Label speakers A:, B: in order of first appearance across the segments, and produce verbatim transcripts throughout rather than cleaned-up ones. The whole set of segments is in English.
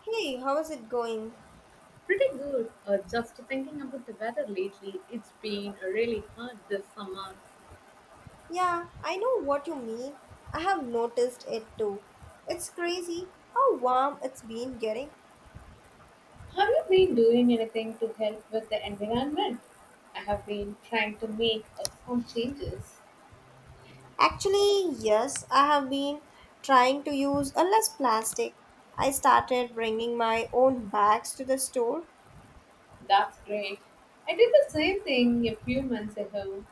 A: Hey, how is it going?
B: Pretty good. Uh, just thinking about the weather lately, it's been really hot this summer.
A: Yeah, I know what you mean. I have noticed it too. It's crazy how warm it's been getting.
B: Have you been doing anything to help with the environment? I have been trying to make uh, some changes.
A: Actually, yes, I have been trying to use a less plastic. I started bringing my own bags to the store,
B: That's great. I did the same thing a few months ago.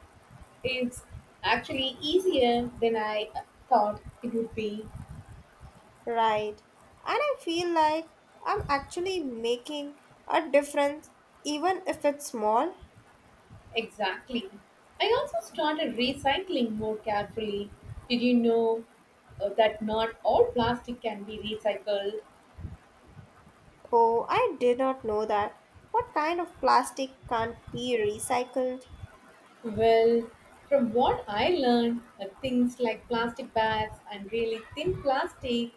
B: It's actually easier than I uh, thought it would be.
A: right? And I feel like I'm actually making a difference even if it's small.
B: Exactly. I also started recycling more carefully. Did you know uh, that not all plastic can be recycled?
A: Oh, I did not know that. What kind of plastic can't be recycled?
B: Well, from what I learned, uh, things like plastic bags and really thin plastic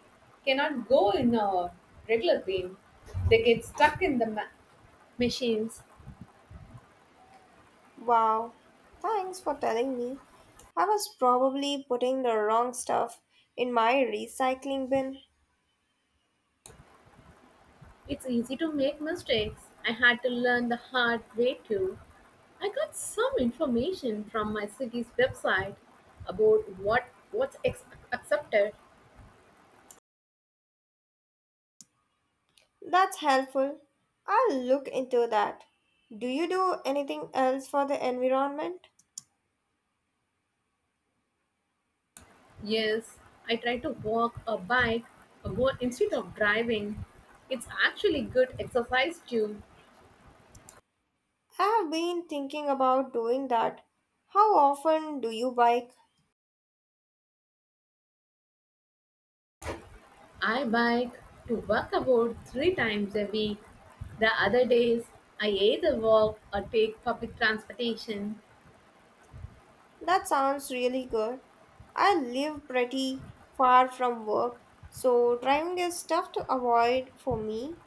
B: cannot go in a regular bin. They get stuck in the ma- machines.
A: Wow, thanks for telling me. I was probably putting the wrong stuff in my recycling bin.
B: It's easy to make mistakes. I had to learn the hard way too. I got some information from my city's website about what what's ex- accepted.
A: That's helpful. I'll look into that. Do you do anything else for the environment?
B: Yes, I try to walk or bike or go instead of driving. It's actually good exercise too.
A: I've been thinking about doing that. How often do you bike?
B: I bike to work about three times a week. The other days, I either walk or take public transportation.
A: That sounds really good. I live pretty far from work, so driving is tough to avoid for me.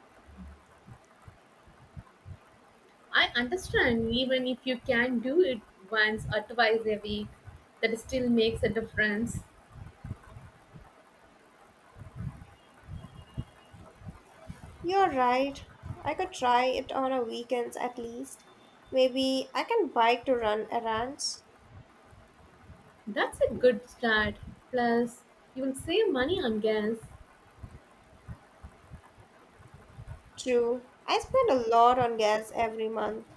B: I understand, even if you can do it once or twice a week, that still makes a difference.
A: You're right. I could try it on a weekends at least. Maybe I can bike to run errands.
B: That's a good start. Plus, you will save money on gas.
A: True. I spend a lot on gas every month.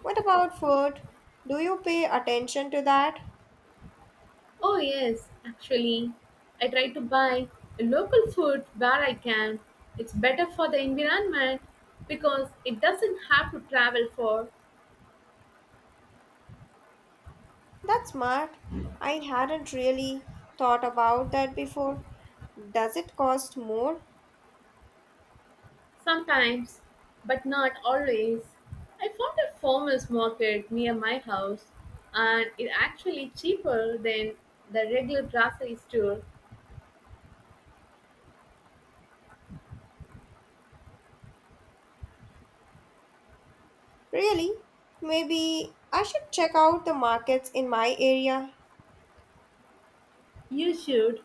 A: What about food? Do you pay attention to that?
B: Oh, yes, actually, I try to buy local food where I can. It's better for the environment because it doesn't have to travel for
A: That's smart. I hadn't really thought about that before. Does it cost more?
B: sometimes, but not always. I found a farmers market near my house and it's actually cheaper than the regular grocery store.
A: Really? Maybe I should check out the markets in my area.
B: You should.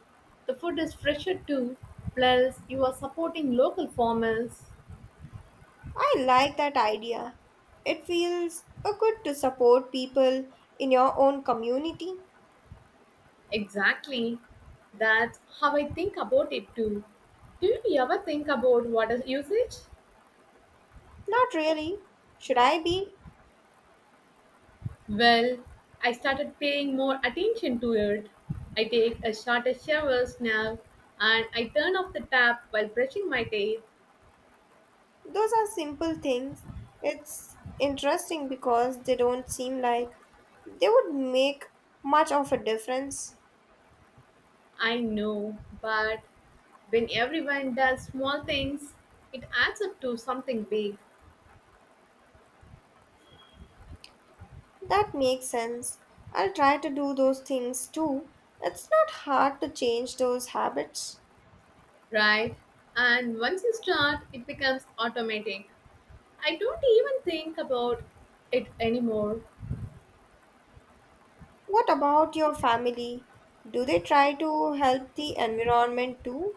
B: The food is fresher too, plus, you are supporting local farmers.
A: I like that idea. It feels uh, good to support people in your own community.
B: Exactly. That's how I think about it too. Do you ever think about water usage?
A: Not really. Should I be?
B: Well, I started paying more attention to it. I take a shorter showers now and I turn off the tap while brushing my teeth.
A: Those are simple things. It's interesting because they don't seem like they would make much of a difference.
B: I know, but when everyone does small things, it adds up to something big,
A: That makes sense. I'll try to do those things too. It's not hard to change those habits.
B: right? And once you start, it becomes automatic. I don't even think about it anymore.
A: What about your family? Do they try to help the environment too?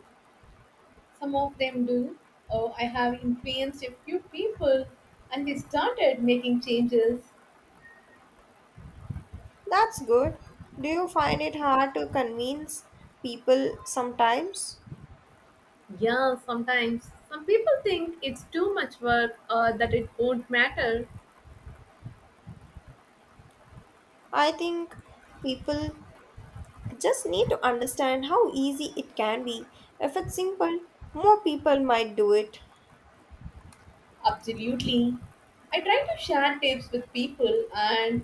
B: Some of them do. Oh, I have influenced a few people and they started making changes.
A: That's good. Do you find it hard to convince people sometimes?
B: Yeah, sometimes some people think it's too much work or that it won't matter.
A: I think people just need to understand how easy it can be. If it's simple, more people might do it.
B: Absolutely. I try to share tips with people, and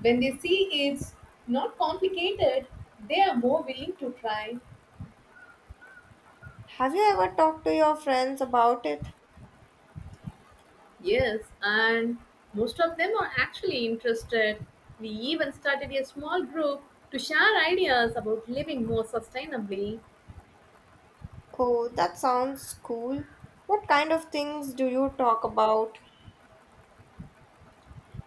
B: when they see it's not complicated, they are more willing to try.
A: Have you ever talked to your friends about it?
B: Yes, and most of them are actually interested. We even started a small group to share ideas about living more sustainably.
A: Oh, that sounds cool. What kind of things do you talk about?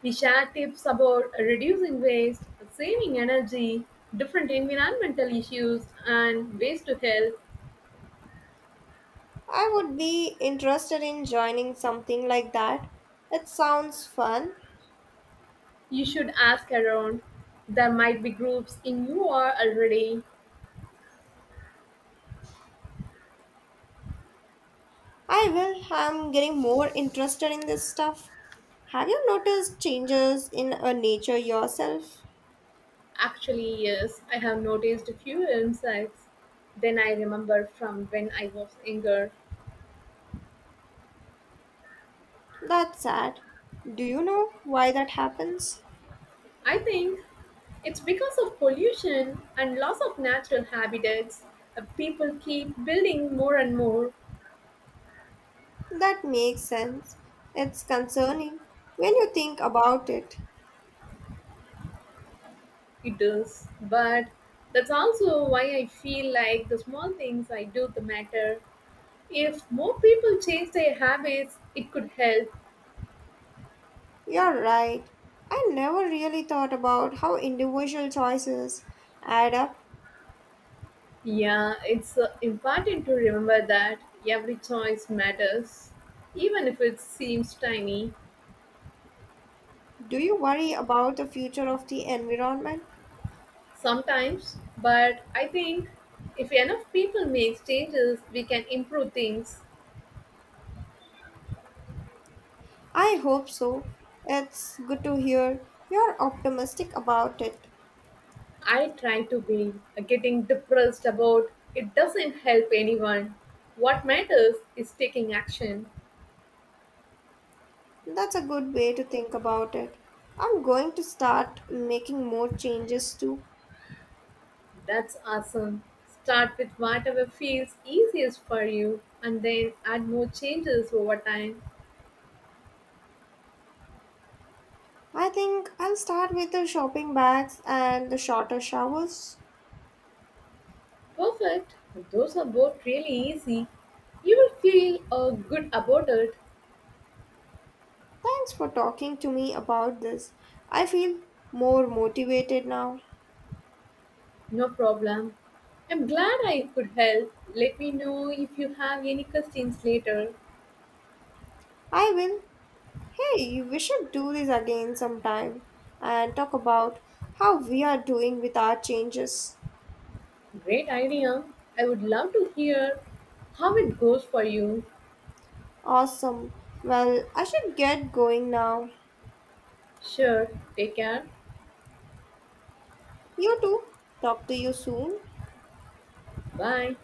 B: We share tips about reducing waste, saving energy, different environmental issues, and ways to help.
A: I would be interested in joining something like that. It sounds fun.
B: You should ask around. There might be groups in you are already.
A: I will. I'm getting more interested in this stuff. Have you noticed changes in uh, nature yourself?
B: Actually, yes, I have noticed a few insights. Then I remember from when I was younger.
A: That's sad. Do you know why that happens?
B: I think it's because of pollution and loss of natural habitats. Uh, People keep building more and more.
A: That makes sense. It's concerning when you think about it.
B: It does. But that's also why I feel like the small things I do the matter. If more people change their habits, it could help.
A: You're right. I never really thought about how individual choices add up.
B: Yeah, it's uh, important to remember that every choice matters, even if it seems tiny
A: Do you worry about the future of the environment?
B: sometimes. But I think if enough people make changes, we can improve things.
A: I hope so. It's good to hear you're optimistic about it.
B: I try to be. Getting depressed about it doesn't help anyone. What matters is taking action.
A: That's a good way to think about it. I'm going to start making more changes too.
B: That's awesome. Start with whatever feels easiest for you and then add more changes over time.
A: I think I'll start with the shopping bags and the shorter showers.
B: Perfect. Those are both really easy. You will feel uh, good about it.
A: Thanks for talking to me about this. I feel more motivated now.
B: No problem. I'm glad I could help. Let me know if you have any questions later.
A: I will. Hey, we should do this again sometime and talk about how we are doing with our changes.
B: Great idea. I would love to hear how it goes for you.
A: Awesome. Well, I should get going now.
B: Sure. Take care.
A: You too. Talk to you soon.
B: Bye.